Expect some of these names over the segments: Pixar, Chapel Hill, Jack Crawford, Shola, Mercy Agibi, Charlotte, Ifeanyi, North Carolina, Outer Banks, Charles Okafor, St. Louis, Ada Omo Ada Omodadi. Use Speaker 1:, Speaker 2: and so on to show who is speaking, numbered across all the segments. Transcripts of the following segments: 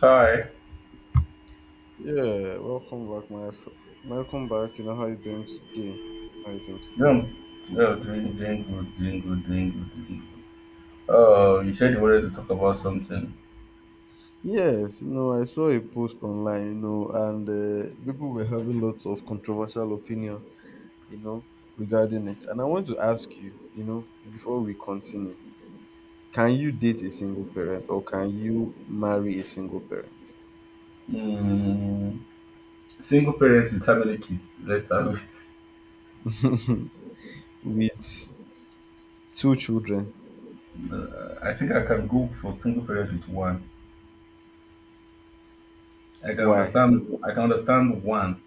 Speaker 1: Hi.
Speaker 2: Yeah, welcome back, welcome back. You know how you doing today? How you doing today?
Speaker 1: Yeah. Yeah, doing good. You said you wanted to talk about something.
Speaker 2: Yes, you know I saw a post online, and people were having lots of controversial opinion, you know, regarding it. And I want to ask you, before we continue, can you date a single parent or can you marry a single parent
Speaker 1: Mm, single parents with family kids? Let's start with.
Speaker 2: with two children?
Speaker 1: I think I can go for single parents with one.
Speaker 2: Why?
Speaker 1: I can understand one,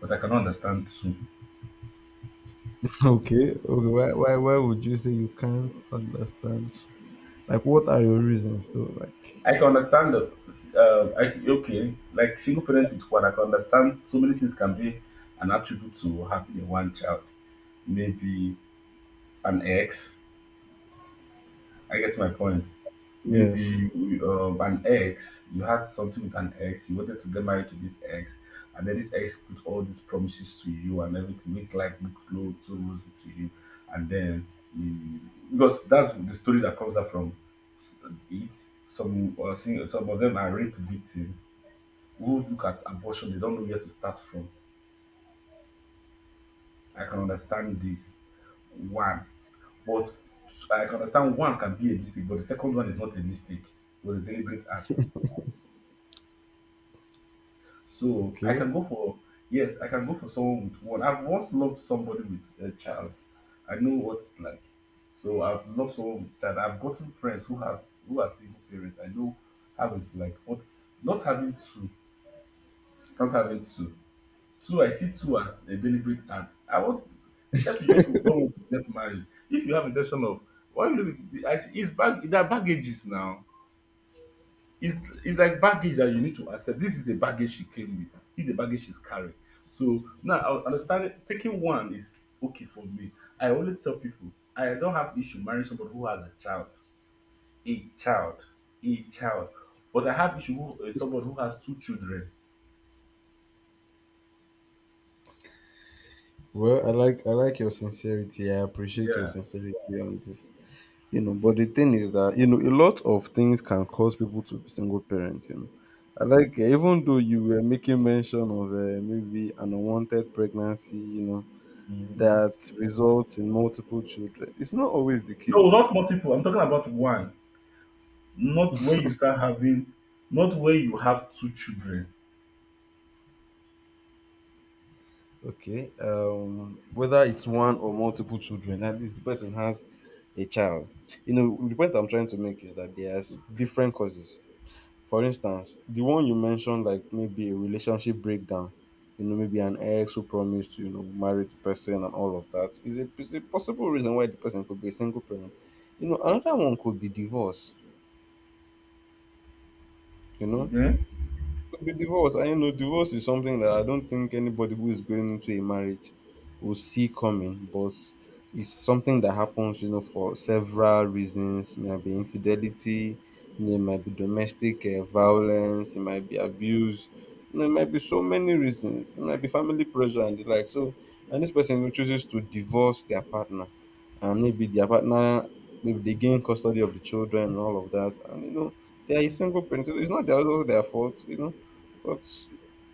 Speaker 1: but I cannot understand two.
Speaker 2: Okay, okay. Why would you say you can't understand? Like, what are your reasons, though? Like,
Speaker 1: I can understand the. Okay, like single parents with one, I can understand so many things can be an attribute to having a one child. Maybe an ex I get my point.
Speaker 2: yes.
Speaker 1: Maybe an ex, you had something with an ex, you wanted to get married to this ex, and then this ex put all these promises to you and everything, make like look low, too rosy to you, and then you, because that's the story that comes out from s- it. Some some of them are rape victim who look at abortion, they don't know where to start from. I can understand this one. But I can understand one can be a mistake, but the second one is not a mistake. It was a deliberate act. So I
Speaker 2: Okay.
Speaker 1: can go for Yes, I can go for someone with one. I've once loved somebody with a child. I know what it's like. So I've loved someone with child. I've gotten friends who are single parents. I know how it's like. But not having two, not having two. Two, I see two as a deliberate act. I want Except you just don't want to get married. If you have intention of why you I see it's bag there are baggages now, it's it's like baggage that you need to accept. This is a baggage she came with. This is the baggage she's carrying. So now I understand it. Taking one is okay for me. I always tell people I don't have issue marrying somebody who has a child, a child, a child. But I have issue with somebody who has two children.
Speaker 2: Well, I like your sincerity. I appreciate your
Speaker 1: Yeah.
Speaker 2: sincerity on this. You know, but the thing is that you know a lot of things can cause people to be single parents. You know, even though you were making mention of maybe an unwanted pregnancy. You know
Speaker 1: Mhm.
Speaker 2: that results in multiple children. It's not always the
Speaker 1: No,
Speaker 2: case.
Speaker 1: not multiple. I'm talking about one. Not where you start having, not where you have two children.
Speaker 2: Okay. Whether it's one or multiple children, at least the person has a child. You know, the point I'm trying to make is that there's different causes. For instance, the one you mentioned, like maybe a relationship breakdown, you know, maybe an ex who promised to, marry the person and all of that, is a possible reason why the person could be a single parent. You know, another one could be divorce, you know,
Speaker 1: Okay?
Speaker 2: could be divorce. I know divorce is something that I don't think anybody who is going into a marriage will see coming, but it's something that happens, for several reasons. It might be infidelity, you know, it might be domestic violence, it might be abuse, you know, it might be so many reasons. It might be family pressure and the like. So, and this person who chooses to divorce their partner, and maybe their partner, maybe they gain custody of the children and all of that, and you know, they are a single parent. So it's not their, also their fault, you know but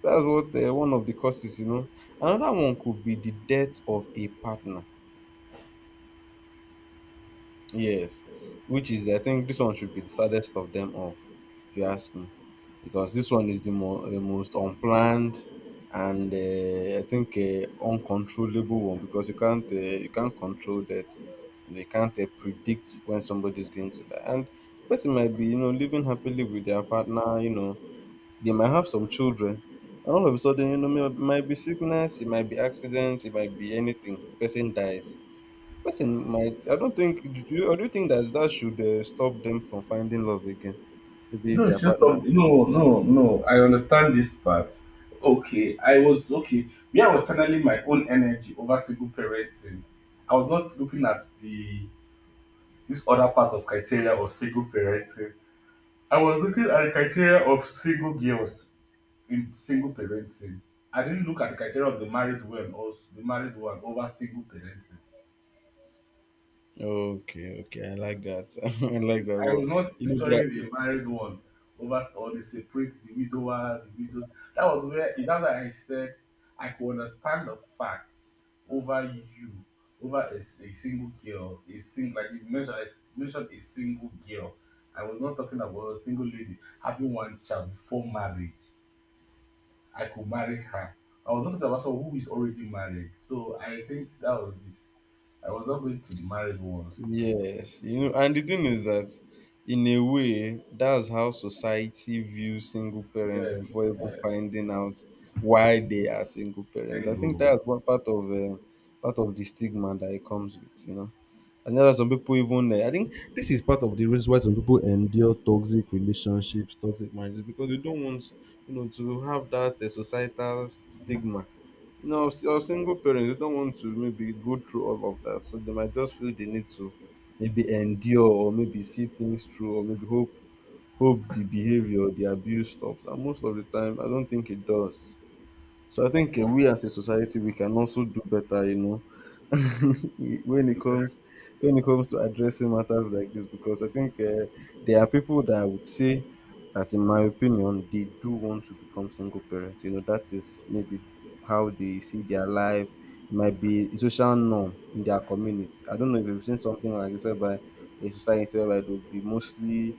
Speaker 2: that's what one of the causes. Another one could be the death of a partner. Yes, which is I think this one should be the saddest of them all, if you ask me, because this one is the most unplanned and I think uncontrollable one, because you can't control that, and you can't predict when somebody is going to die and the person might be, living happily with their partner, you know, they might have some children, and all of a sudden, might be sickness, it might be accidents, it might be anything. Person dies. Person might. I don't think. Do you think that should stop them from finding love again? Maybe
Speaker 1: No,
Speaker 2: their
Speaker 1: it's just
Speaker 2: partner.
Speaker 1: no, no. I understand this part. Okay. Yeah, I was channeling my own energy over single parenting. I was not looking at the this other part of criteria of single parenting. I was looking at the criteria of single girls in single parenting. I didn't look at the criteria of the married one or the married one over single parenting.
Speaker 2: Okay, okay, I like that. I like
Speaker 1: Mm.
Speaker 2: that.
Speaker 1: I
Speaker 2: Well,
Speaker 1: was not
Speaker 2: you know, they
Speaker 1: picturing
Speaker 2: are,
Speaker 1: the married one over or the widower, the widow. That was where That's why I said I could understand the facts over you, over a single girl, a single like you mentioned, I mentioned a single girl. I was not talking about a single lady having one child before marriage. I could marry her. I was not talking about someone who is already married. So I think that was it. I was not going to the married ones.
Speaker 2: yes, and the thing is that in a way, that's how society views single parents
Speaker 1: Yes,
Speaker 2: before even
Speaker 1: yes,
Speaker 2: finding out why they are single parents. I think
Speaker 1: single.
Speaker 2: that's what part of the stigma that it comes with. I know some people even I think this is part of the reason why some people endure toxic relationships, toxic marriages because they don't want to have that societal stigma. You know, or single parents, they don't want to maybe go through all of that, so they might just feel they need to maybe endure or maybe see things through or maybe hope the behavior, the abuse stops. And most of the time, I don't think it does. So I think we as a society, we can also do better, you know, when it comes when it comes to addressing matters like this, because I think there are people that I would say that, in my opinion, they do want to become single parents. You know, that is maybe how they see their life. It might be a social norm in their community. I don't know if you've seen something like this, whereby a society whereby they'll be mostly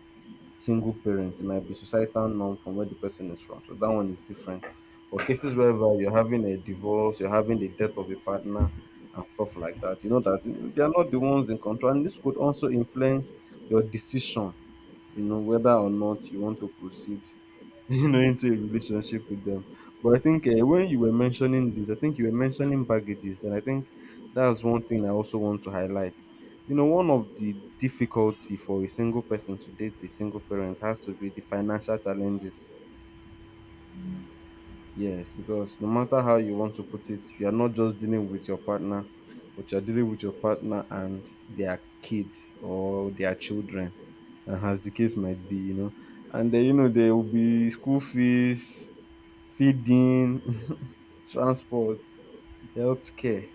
Speaker 2: single parents, it might be societal norm from where the person is from. So that one is different. But cases wherever you're having a divorce, you're having the death of a partner and stuff like that, you know that they are not the ones in control. And this could also influence your decision, whether or not you want to proceed, into a relationship with them. But I think when you were mentioning this, I think you were mentioning baggages, and I think that's one thing I also want to highlight. You know, one of the difficulty for a single person to date a single parent has to be the financial challenges. Yes, because no matter how you want to put it, you are not just dealing with your partner, but you're dealing with your partner and their kid or their children, and as the case might be. And then, there will be school fees, feeding, transport, healthcare,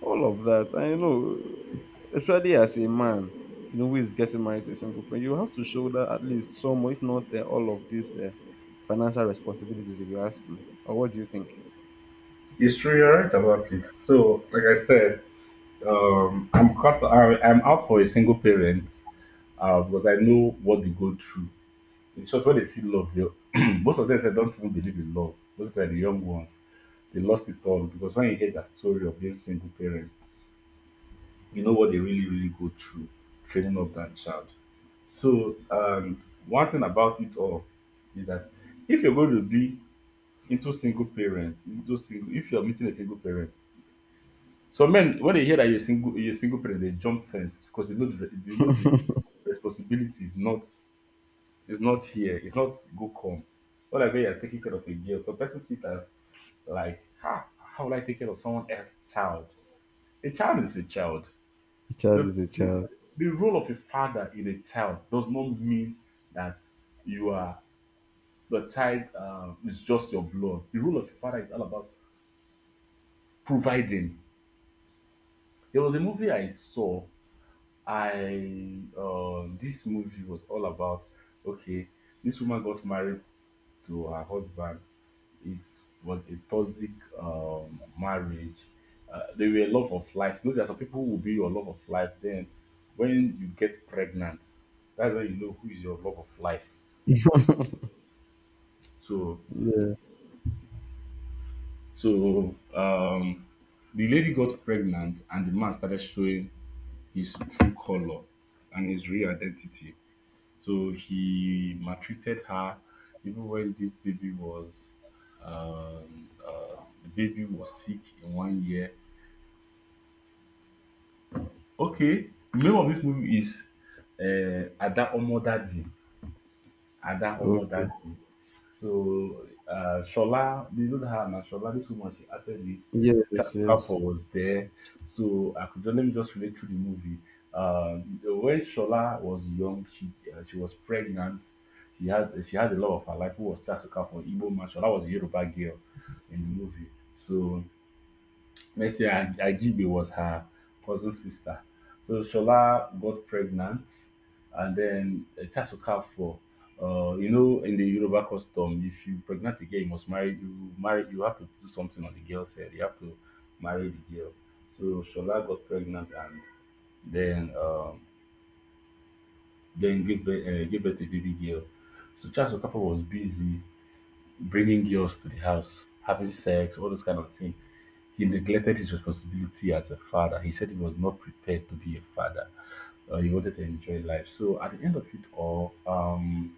Speaker 2: all of that. And especially as a man, who is getting married to a single person, you have to shoulder at least some, if not all of these financial responsibilities, if you ask me. Or what do you think?
Speaker 1: It's true. You're right about it. So, like I said, I'm cut. I'm out for a single parent because I know what they go through. In short, when they see love, they, most of them say don't even believe in love. Most of the young ones, they lost it all because when you hear that story of being single parent, you know what they really go through training up that child. So, one thing about it all is that if you're going to be into single parents, into single, if you're meeting a single parent, some men, when they hear that you're single parent, they jump fence because they know the responsibility is not here. It's not go come. Not like when you're taking care of a girl. Some person see that like, ha, how will I take care of someone else's child? A child is a child.
Speaker 2: A child
Speaker 1: The,
Speaker 2: is a
Speaker 1: the
Speaker 2: child.
Speaker 1: the role of a father in a child does not mean that you are the child is just your blood. The role of a father is all about providing. There was a movie I saw I this movie was all about okay, this woman got married to her husband. It was a toxic marriage. They were love of life. You know, there are some people who will be your love of life. Then, when you get pregnant, that's when you know who is your love of life. So,
Speaker 2: Yes.
Speaker 1: so the lady got pregnant, and the man started showing his true color and his real identity. So he maltreated her even when this baby was um uh, the baby was sick in 1 year. Okay, the name of this movie is uh, Ada Omo Ada
Speaker 2: Okay.
Speaker 1: Omodadi. So Shola, they don't have now. Shola, this woman, she acted it. Jack
Speaker 2: Yes, yes.
Speaker 1: was there. So I could just, let me just relate to the movie. Uh, when Shola was young, she was pregnant. She had a love of her life who was Jack Crawford, Igbo man. Shola was a Yoruba girl in the movie. So Agibi was her cousin sister. So Shola got pregnant, and then Chasukafo, you know, in the Yoruba custom, if you pregnant a girl, you must marry. You marry. You have to do something on the girl's head. You have to marry the girl. So Shola got pregnant, and then um, then give birth, to baby girl. So Charles Okafor was busy bringing girls to the house, having sex, all those kind of things. He neglected his responsibility as a father. He said he was not prepared to be a father. He wanted to enjoy life. So at the end of it all,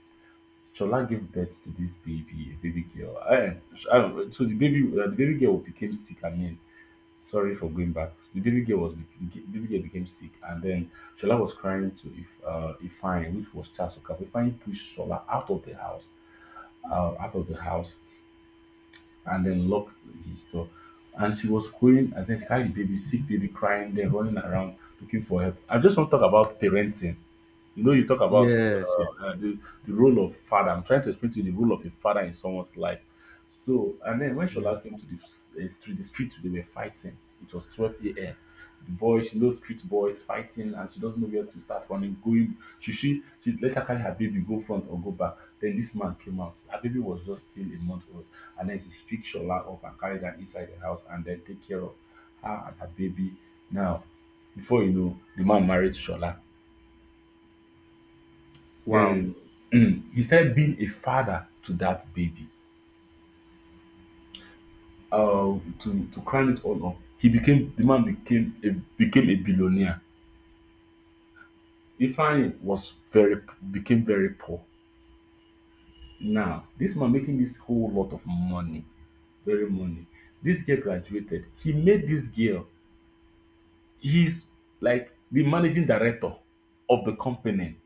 Speaker 1: Shola gave birth to this baby, baby girl. I, so the baby girl became sick. I mean, sorry for going back. The baby girl became sick, and then Shola was crying to if Ifine, which was Charles Okafor. Ifine pushed Shola out of the house, uh, out of the house and then locked his door. And she was going, and then she carried the baby, sick baby crying, then running around looking for help. I just want to talk about parenting. You know, you talk about
Speaker 2: Yes, yes.
Speaker 1: the role of father. I'm trying to explain to you the role of a father in someone's life. So, and then when
Speaker 2: Yeah.
Speaker 1: Shola came to the, the street, they were fighting. It was 12 a.m. The boy, she knows street boys fighting, and she doesn't know where to start running. Going, she let her carry her baby go front or go back. Then this man came out. Her baby was just still a month old, and then she picked Shola up and carried her inside the house, and then take care of her and her baby. Now, before you know, the man married Shola,
Speaker 2: Wow.
Speaker 1: then he started being a father to that baby. To crown it all up, he became the man became became a billionaire. Ifeanyi was very became very poor. Now this man making this whole lot of money, very money. This girl graduated. He made this girl. He's like the managing director of the company.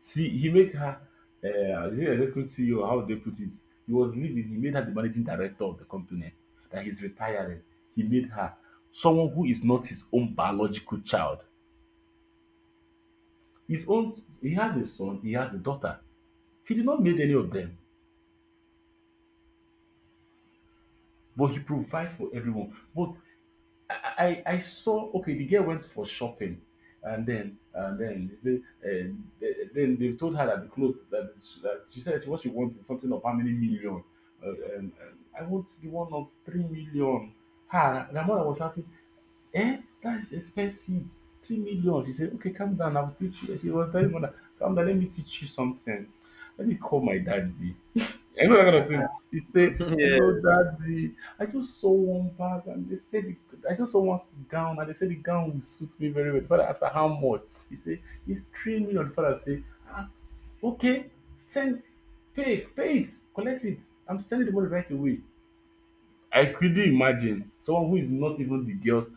Speaker 1: See, he make her, is it executive CEO? How they put it? He was leaving. He made her the managing director of the company. That he's retiring. He made her someone who is not his own biological child. His own. He has a son. He has a daughter. He did not made any of them, but he provides for everyone. But I saw okay the girl went for shopping, and then uh, then they told her that the clothes that, that she said what she wants is something of how many million, and I want the one of 3 million. Her the mother was shouting, eh that's expensive, 3 million. She said okay calm down I will teach you. She was telling mother calm down let me teach you something. Let me call my daddy. Yeah. You know that kind of thing. He say, "Hello,
Speaker 2: Yeah.
Speaker 1: daddy. I just saw one bag, and they said the, I just saw one gown, and they said the gown will suit me very well." The father asked her how much. He say, "It's 3 million." The father say, "Ah, okay, send, pay, pay it, collect it. I'm sending the money right away." I couldn't imagine someone who is not even the girl's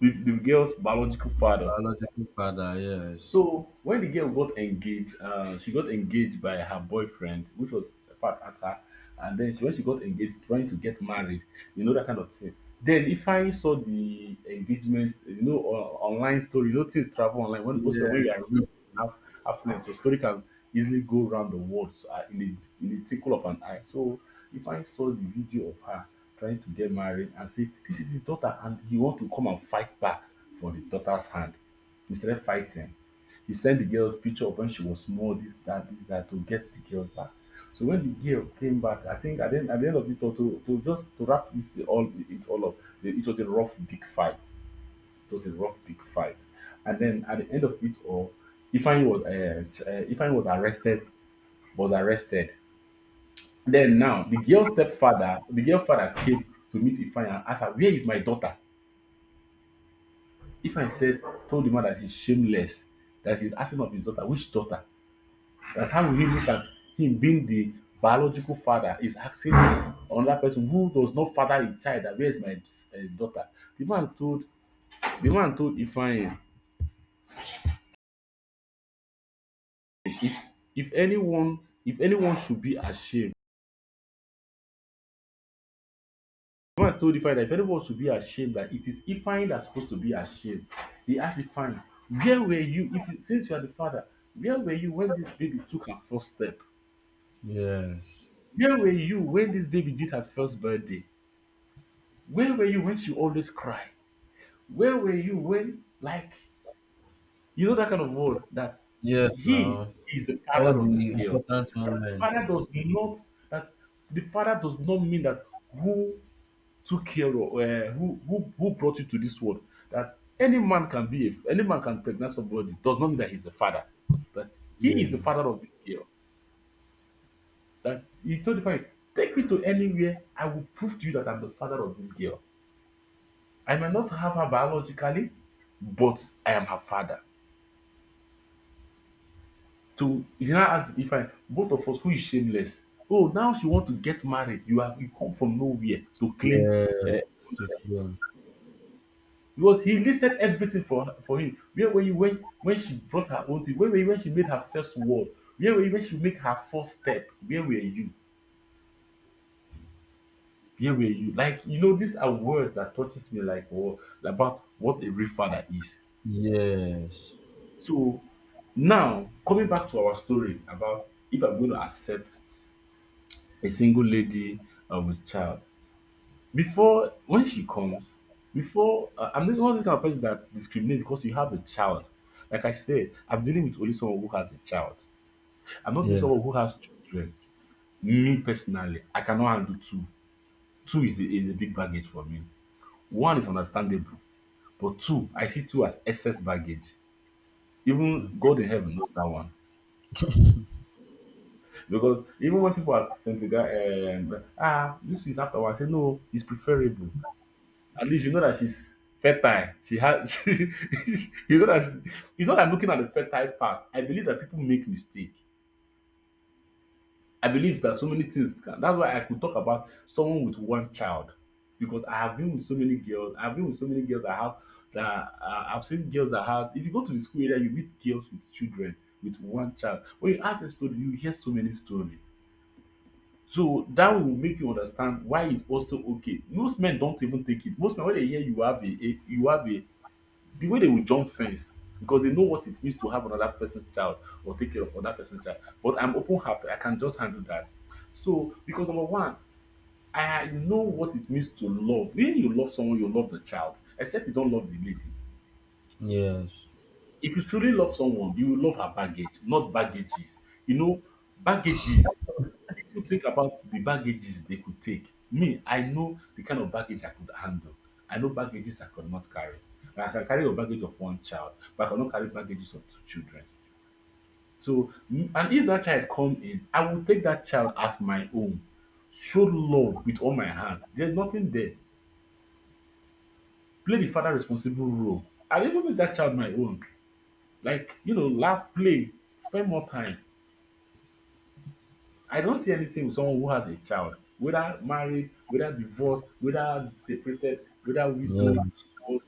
Speaker 1: the, the girl's biological father.
Speaker 2: Biological father, yes.
Speaker 1: So when the girl got engaged, she got engaged by her boyfriend, which was a part at her. And then when she got engaged, trying to get married, you know that kind of thing. Then if I saw the engagement, you know, online story, you know, things travel online. When most people, when
Speaker 2: Yeah.
Speaker 1: you are rich and have affluent, your story can easily go around the world so, in the tickle of an eye. So if I saw the video of her trying to get married and say this is his daughter, and he want to come and fight back for the daughter's hand instead of fighting he sent the girl's picture of when she was small, this, that, to get the girls back. So when the girl came back, I think at the end of it, all, to just to wrap this thing all it all up, it was a rough big fight. It was a rough big fight, and then at the end of it all, Ifeanyi was Ifeanyi was arrested. Was arrested. Then now the girl's stepfather, the girl father came to meet Ifeanyi and asked her, "Where is my daughter?" Ifeanyi said, Told the man that he's shameless, that he's asking of his daughter, "Which daughter?" That how we you look at him being the biological father is asking another person who does not father a child that where is my daughter. The man told the man told Ifeanyi, if anyone, if anyone should be ashamed, the man told Ifeanyi that if anyone should be ashamed that it is Ifeanyi that's supposed to be ashamed. He asked Ifeanyi, where were you if you since you are the father, where were you when this baby took her first step,
Speaker 2: Yes.
Speaker 1: where were you when this baby did her first birthday, where were you when she always cried? Where were you when, like, you know, that kind of role that
Speaker 2: Yes
Speaker 1: he
Speaker 2: now.
Speaker 1: is the
Speaker 2: All
Speaker 1: father of this
Speaker 2: the
Speaker 1: girl.
Speaker 2: important moments.
Speaker 1: Father does not that The father does not mean that who took care of who, who brought you to this world. That any man can be a, any man can pregnant somebody does not mean that he's a father. That
Speaker 2: Yeah,
Speaker 1: he is the
Speaker 2: yes.
Speaker 1: father of this girl. That he told the father, take me to anywhere, I will prove to you that I'm the father of this girl. I may not have her biologically, but I am her father. To he now ask if I both of us who is shameless. Oh now she want to get married, you are you come from nowhere to claim
Speaker 2: Yes.
Speaker 1: um
Speaker 2: So,
Speaker 1: ownership, because he listed everything for her for him. Where were you when she brought her own thing, where were you when she made her first word, where were you when she make her first step, where were you, where were you, like you know these are words that touches me like war about what a real father is. So now coming back to our story about if I'm going to accept a single lady with child. Before when she comes, before I I'm not the type of person that discriminate because you have a child. Like I said, I'm dealing with only someone who has a child. I'm not dealing with
Speaker 2: yeah.
Speaker 1: someone who has children. Me personally, I cannot handle two. Two is a big baggage for me. One is understandable, but two, I see two as excess baggage. Even God in heaven knows that one. Because even when people are saying to guy, ah, this is after one, I say, no, it's preferable. At least you know that she's fertile. She has. She, you know that. She, you know that I'm looking at the fertile part. I believe that people make mistake. I believe that so many things. Can, that's why I could talk about someone with one child, because I have been with so many girls. I've been with so many girls. I have that I've seen girls that have. If you go to the school area, you meet girls with children with one child. When you ask a story, you hear so many stories. So that will make you understand why it's also okay. Most men don't even take it. Most men when they hear you have a the way they will jump fence because they know what it means to have another person's child or take care of another person's child. But I'm open happy. I can just handle that. So because number one, I know what it means to love. When you love someone, you love the child, except you don't love the lady.
Speaker 2: Yes.
Speaker 1: If you truly love someone, you will love her baggage, not baggages. You know, baggages, people think about the baggages they could take. Me, I know the kind of baggage I could handle. I know baggages I could not carry. I can carry a baggage of one child, but I cannot carry baggages of two children. So, and if that child come in, I will take that child as my own. Show love with all my heart. There's nothing there. Play the father responsible role. I even make that child my own. Like, you know, laugh, play, spend more time. I don't see anything with someone who has a child, whether married, whether divorced, whether separated, whether widowed, but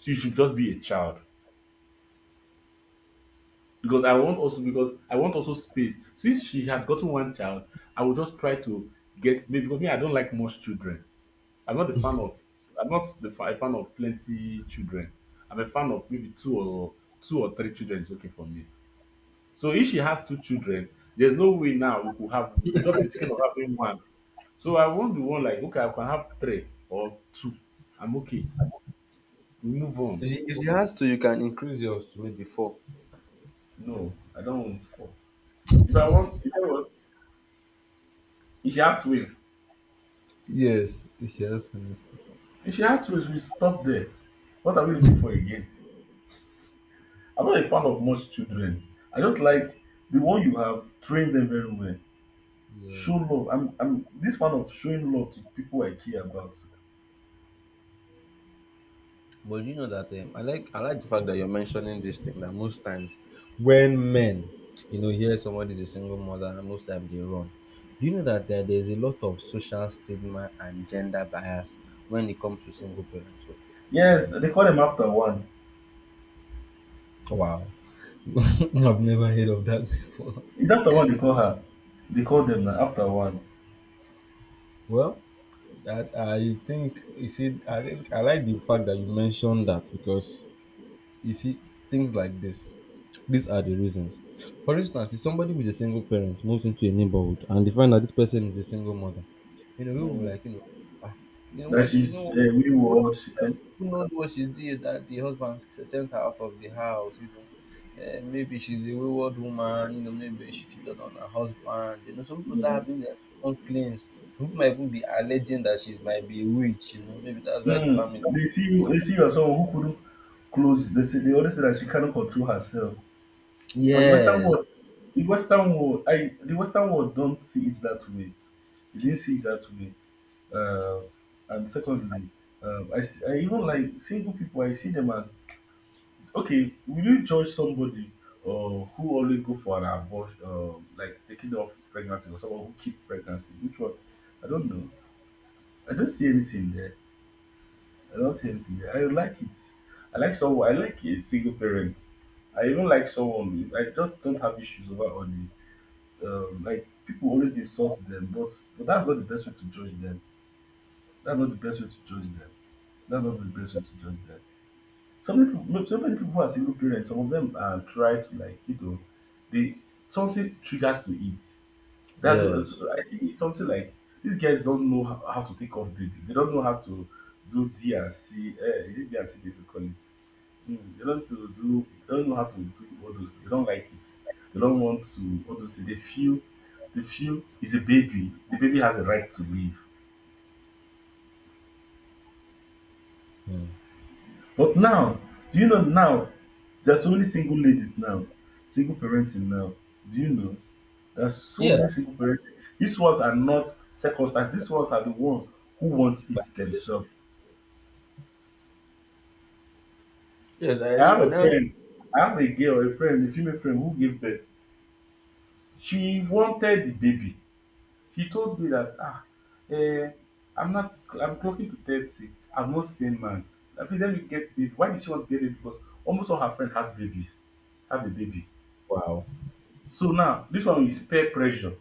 Speaker 1: she should just be a child. Because I want also space. Since she had gotten one child, I will just try to get maybe because me I don't like much children. I'm not a fan of I'm not the fa- a fan of plenty children. I'm a fan of maybe two or three children is okay for me. So if she has two children, there's no way now we could just be thinking of having one. So I won't be one like okay, I can have three or two. I'm okay. We move on.
Speaker 2: If she has to, you can increase yours to maybe four.
Speaker 1: No, I don't want four. If I want if I want If she have twins.
Speaker 2: Yes. If she has to.
Speaker 1: If she have twins, we stop there. What are we looking for again? I'm not a fan of much children. I just like the one you have, train them very well. Show
Speaker 2: Yes.
Speaker 1: love. I'm this fan of showing love to people I care about.
Speaker 2: But do you know that I like the fact that you're mentioning this thing that most times when men, hear somebody's a single mother, most times they run. Do you know that there's a lot of social stigma and gender bias when it comes to single parenthood?
Speaker 1: Yes, they call them after one.
Speaker 2: Wow. I've never heard of that before.
Speaker 1: It's after one they call her. They call them na after one.
Speaker 2: Well, that I think, you see, I think I like the fact that you mentioned that, because you see, things like this. These are the reasons. For instance, if somebody with a single parent moves into a neighborhood and they find that this person is a single mother, we will be
Speaker 1: Mm.
Speaker 2: like, "Ah,
Speaker 1: That she's a we
Speaker 2: what
Speaker 1: watch. She come.
Speaker 2: happened to the day that the husband sent her out of the house? You know, maybe she's a wayward woman, maybe she cheated on her husband. You know, some people start
Speaker 1: Mm.
Speaker 2: having their own claims. Some people might even be alleging that she might be a witch, maybe that's why the family."
Speaker 1: Mm, they see you as someone who couldn't close. They always say that she cannot control herself. But
Speaker 2: Yes,
Speaker 1: the Western world, I the Western world don't see it that way. They didn't see it that way. Uh, and secondly, I even like single people. I see them as okay. Will you judge somebody who always go for an abortion, like taking off pregnancy, or someone who keep pregnancy? Which one? I don't know. I don't see anything there. I don't see anything. I like it. I like someone. I like a single parent. I even like someone. I just don't have issues over all this. Like people always insult them, but that's not the best way to judge them. That's not the best way to judge them. That's not the best way to judge them. Some people, no, so many people are single parents. Some of them try to like you know, they something triggers to eat. That
Speaker 2: yes,
Speaker 1: I think it's something like these guys don't know how to take off baby. They don't know how to do D and C. Is it D and C? They should call it Mm, they don't know how to do all those they don't like it. They don't want to all those they feel is a baby. The baby has a right to live.
Speaker 2: mm.
Speaker 1: But now, do you know now there's so many single ladies now, single parenting now. Do you know? There's so many
Speaker 2: Yes.
Speaker 1: single parenting. These ones are not circumstances, these ones are the ones who want
Speaker 2: But
Speaker 1: it
Speaker 2: yes,
Speaker 1: themselves.
Speaker 2: yes,
Speaker 1: I have
Speaker 2: and
Speaker 1: a friend, I have a girl, a friend, a female friend who gave birth. She wanted the baby. He told me that, ah, eh, I'm not, I'm clocking to 30. I'm not sane man. Please let me get baby. Why did she want to get baby? Because almost all her friend has babies, have a baby.
Speaker 2: wow.
Speaker 1: So now, this one is peer pressure.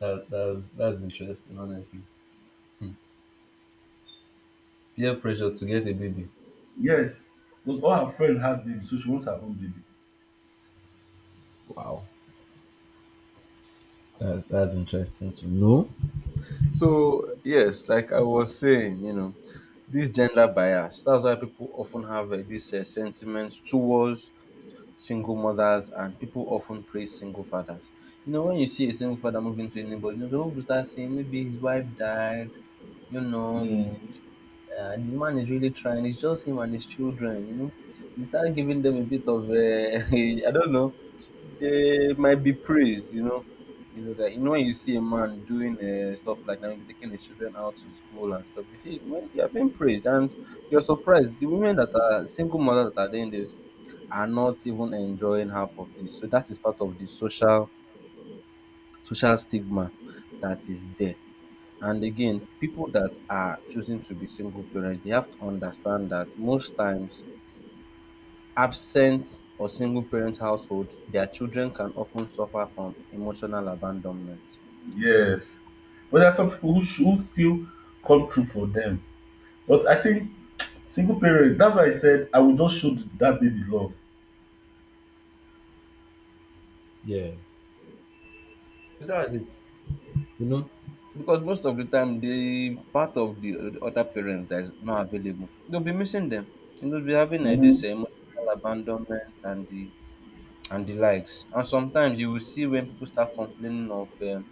Speaker 2: That's interesting, honestly. Peer pressure to get a baby.
Speaker 1: Yes, because all her friend has baby, so she wants her own baby.
Speaker 2: Wow. That's interesting to know. So yes, like I was saying, this gender bias. That's why people often have this sentiment towards single mothers, and people often praise single fathers. You know, when you see a single father moving to anybody, people start saying maybe his wife died. You know,
Speaker 1: Mm,
Speaker 2: the man is really trying. It's just him and his children, you know. You start giving them a bit of, I don't know, they might be praised. You know when you see a man doing stuff like that, maybe taking his children out to school and stuff. You see, when you are being praised, and you're surprised. The women that are single mothers that are doing this are not even enjoying half of this. So that is part of the social stigma that is there. And again, people that are choosing to be single parents, they have to understand that, most times, absent or single parent household, their children can often suffer from emotional abandonment.
Speaker 1: yes. But there are some people who, who still come true for them. But I think single parents, that's why I said I will just show that baby love.
Speaker 2: Yeah. So that's it. You know? Because most of the time, the part of the other parent that is not available, they'll be missing them. You know, they'll be having
Speaker 1: Mm-hmm.
Speaker 2: this emotional abandonment and the likes. And sometimes you will see when people start complaining of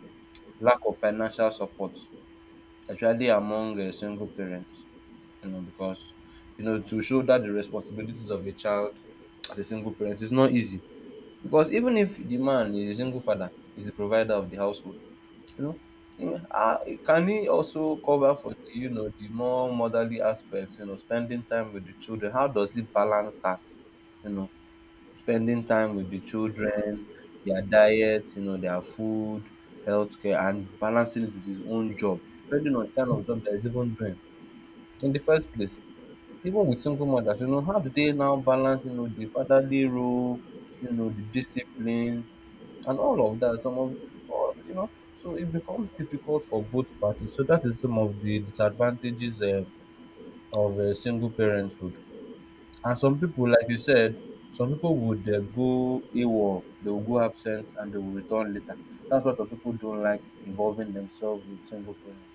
Speaker 2: lack of financial support, especially among single parents, because to shoulder the responsibilities of a child as a single parent is not easy. Because even if the man is a single father, is the provider of the household, you know, mm, ah, can he also cover for the more motherly aspects, spending time with the children? How does he balance that? You know, spending time with the children, their diet, you know, their food, healthcare, and balancing it with his own job, depending on the kind of job that he's even doing in the first place. Even with single mothers, you know, how do they now balance, you know, the fatherly role, you know, the discipline, and all of that? Some of, all, you know, so it becomes difficult for both parties. So that is some of the disadvantages of single parenthood. And some people, like you said, some people would go AWOL, they will go absent and they will return later. That's why some people don't like involving themselves with single parents,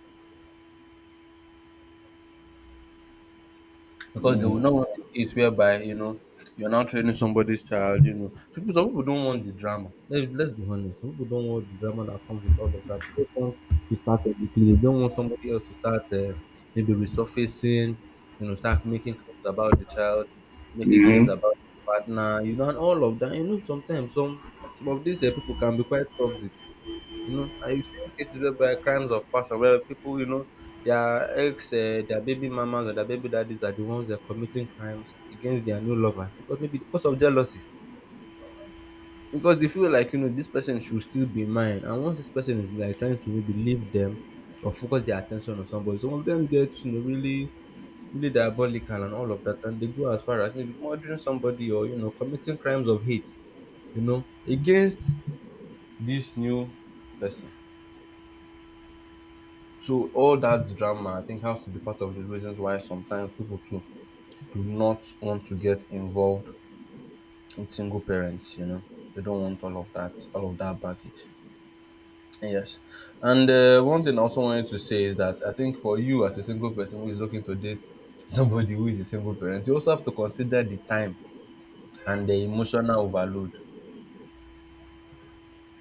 Speaker 2: because they would not want a case whereby, you know, you're now training somebody's child. You know, people, some people don't want the drama. Let's be honest. Some people don't want the drama that comes with all of that. They don't want to start a decrease. They don't want somebody else to start maybe resurfacing. You know, start making claims about the child, making claims
Speaker 1: Mm.
Speaker 2: about the partner. You know, and all of that. You know, sometimes some of these people can be quite toxic. You know, I've seen cases whereby crimes of passion, where people, you know, their ex, their baby mamas or their baby daddies are the ones that are committing crimes against their new lovers because maybe because of jealousy. Because they feel like, you know, this person should still be mine. And once this person is like trying to maybe leave them or focus their attention on somebody, some of them get, you know, really, really diabolical and all of that. And they go as far as maybe murdering somebody or, you know, committing crimes of hate, you know, against this new person. So all that drama, I think, has to be part of the reasons why sometimes people too do not want to get involved with single parents, you know. They don't want all of that baggage. Yes. And one thing I also wanted to say is that I think for you as a single person who is looking to date somebody who is a single parent, you also have to consider the time and the emotional overload.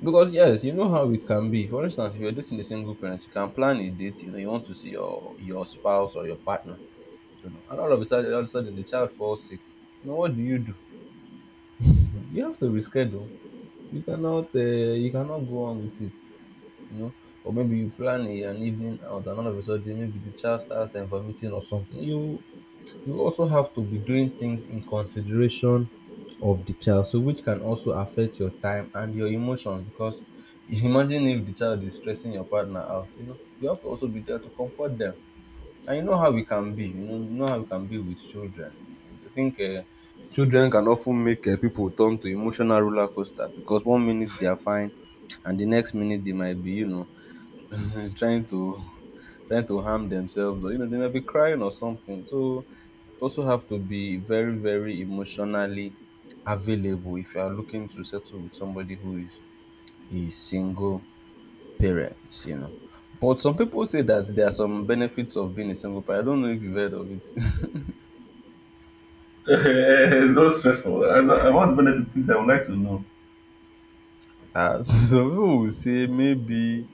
Speaker 2: Because yes, you know how it can be. For instance, if you're dating a single parent, you can plan a date, you know, you want to see your spouse or your partner, you know, and all of a sudden, all of a sudden, the child falls sick. You know, what do? You have to reschedule. You cannot go on with it. You know, or maybe you plan a, an evening out, and all of a sudden, maybe the child starts vomiting or something. You also have to be doing things in consideration of the child, so which can also affect your time and your emotion. Because imagine if the child is stressing your partner out, you know, you have to also be there to comfort them. And you know how we can be, you know how we can be with children. I think children can often make people turn to emotional roller coaster because one minute they are fine, and the next minute they might be, you know, trying to trying to harm themselves, or you know they might be crying or something. So you also have to be very very emotionally available if you are looking to settle with somebody who is single parents, you know. But some people say that there are some benefits of being a single parent. I don't know if you've heard of it.
Speaker 1: Eh, no stressful. I want benefit, please. I would like to know.
Speaker 2: Ah, some people will say maybe,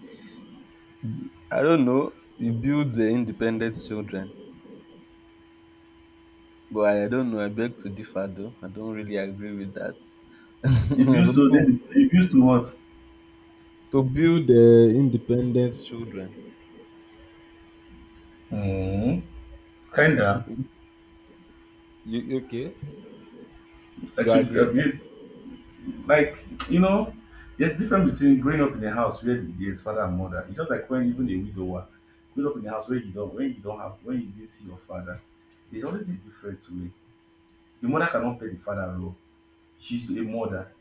Speaker 2: I don't know, it builds independent children. But I don't know, I beg to differ though. I don't really agree with that.
Speaker 1: If you
Speaker 2: Some
Speaker 1: so
Speaker 2: people
Speaker 1: then if you to what?
Speaker 2: to build independent children.
Speaker 1: Mm, kinda.
Speaker 2: You you okay?
Speaker 1: I
Speaker 2: You
Speaker 1: should
Speaker 2: agree?
Speaker 1: have you like you know. There's difference between growing up in a house where there's father and mother. It's just like when even a widower grew up in a house where you don't when you don't have when you didn't see your father. There's always a different way. The mother cannot play the father role. She's a mother.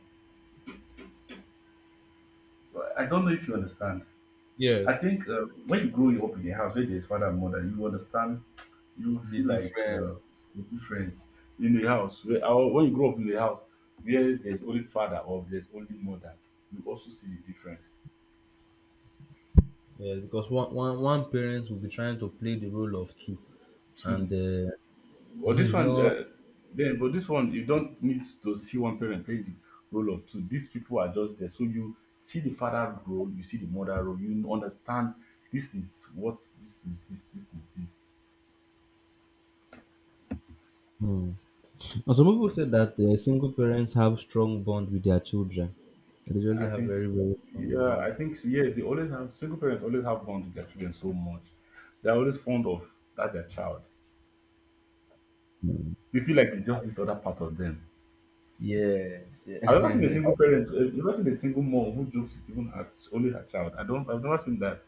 Speaker 1: I don't know if you understand. I
Speaker 2: Yes.
Speaker 1: think when you grow up in a house where there's father and mother, you understand you
Speaker 2: The
Speaker 1: feel like
Speaker 2: different.
Speaker 1: the difference in the house where when you grow up in the house where there's only father or there's only mother you also see the difference
Speaker 2: Yeah, because one parent will be trying to play the role of two, and
Speaker 1: too but this
Speaker 2: it's
Speaker 1: one
Speaker 2: not.
Speaker 1: then but this one you don't need to see one parent play the role of two these people are just there so you see the father role you see the mother role you understand this is what this is this this is this.
Speaker 2: Hmm. And some people said that single parents have strong bond with their children. They really
Speaker 1: I
Speaker 2: have
Speaker 1: think,
Speaker 2: very very strong
Speaker 1: yeah,
Speaker 2: bond.
Speaker 1: I think, yes, they always have single parents always have bond with their children so much. They're always fond of that their child. They feel like it's just this other part of them.
Speaker 2: Yes,
Speaker 1: I've never seen a
Speaker 2: yeah.
Speaker 1: single parent, I've never seen a single mom who jokes with even her, only her child. I don't, I've never seen that.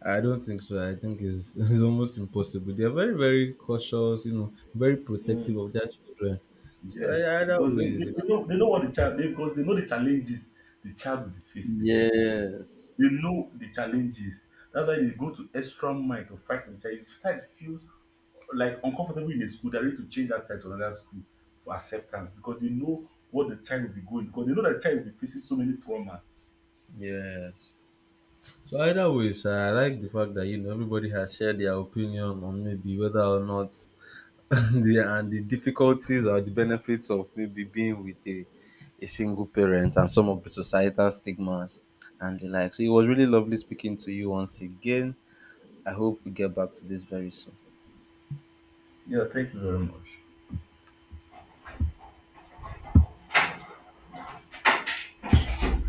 Speaker 2: I don't think so. I think it's, it's almost impossible. They are very very cautious, you know, very protective
Speaker 1: Mm.
Speaker 2: of their children. So ei-
Speaker 1: Yes,
Speaker 2: either
Speaker 1: because
Speaker 2: ways, you know,
Speaker 1: they know what the child they, because they know the challenges the child will be facing.
Speaker 2: yes,
Speaker 1: They know the challenges. That's why they go to extra mile to fight for the child. The child feels like uncomfortable in a school, they're ready to change that child to another school for acceptance because they know what the child will be going because they know that the child will be facing so many trauma.
Speaker 2: yes. So either ways, I like the fact that you know everybody has shared their opinion on maybe whether or not the and the difficulties or the benefits of maybe being with a single parent and some of the societal stigmas and the like. So it was really lovely speaking to you once again. I hope we get back to this very soon.
Speaker 1: Yeah, thank you very much.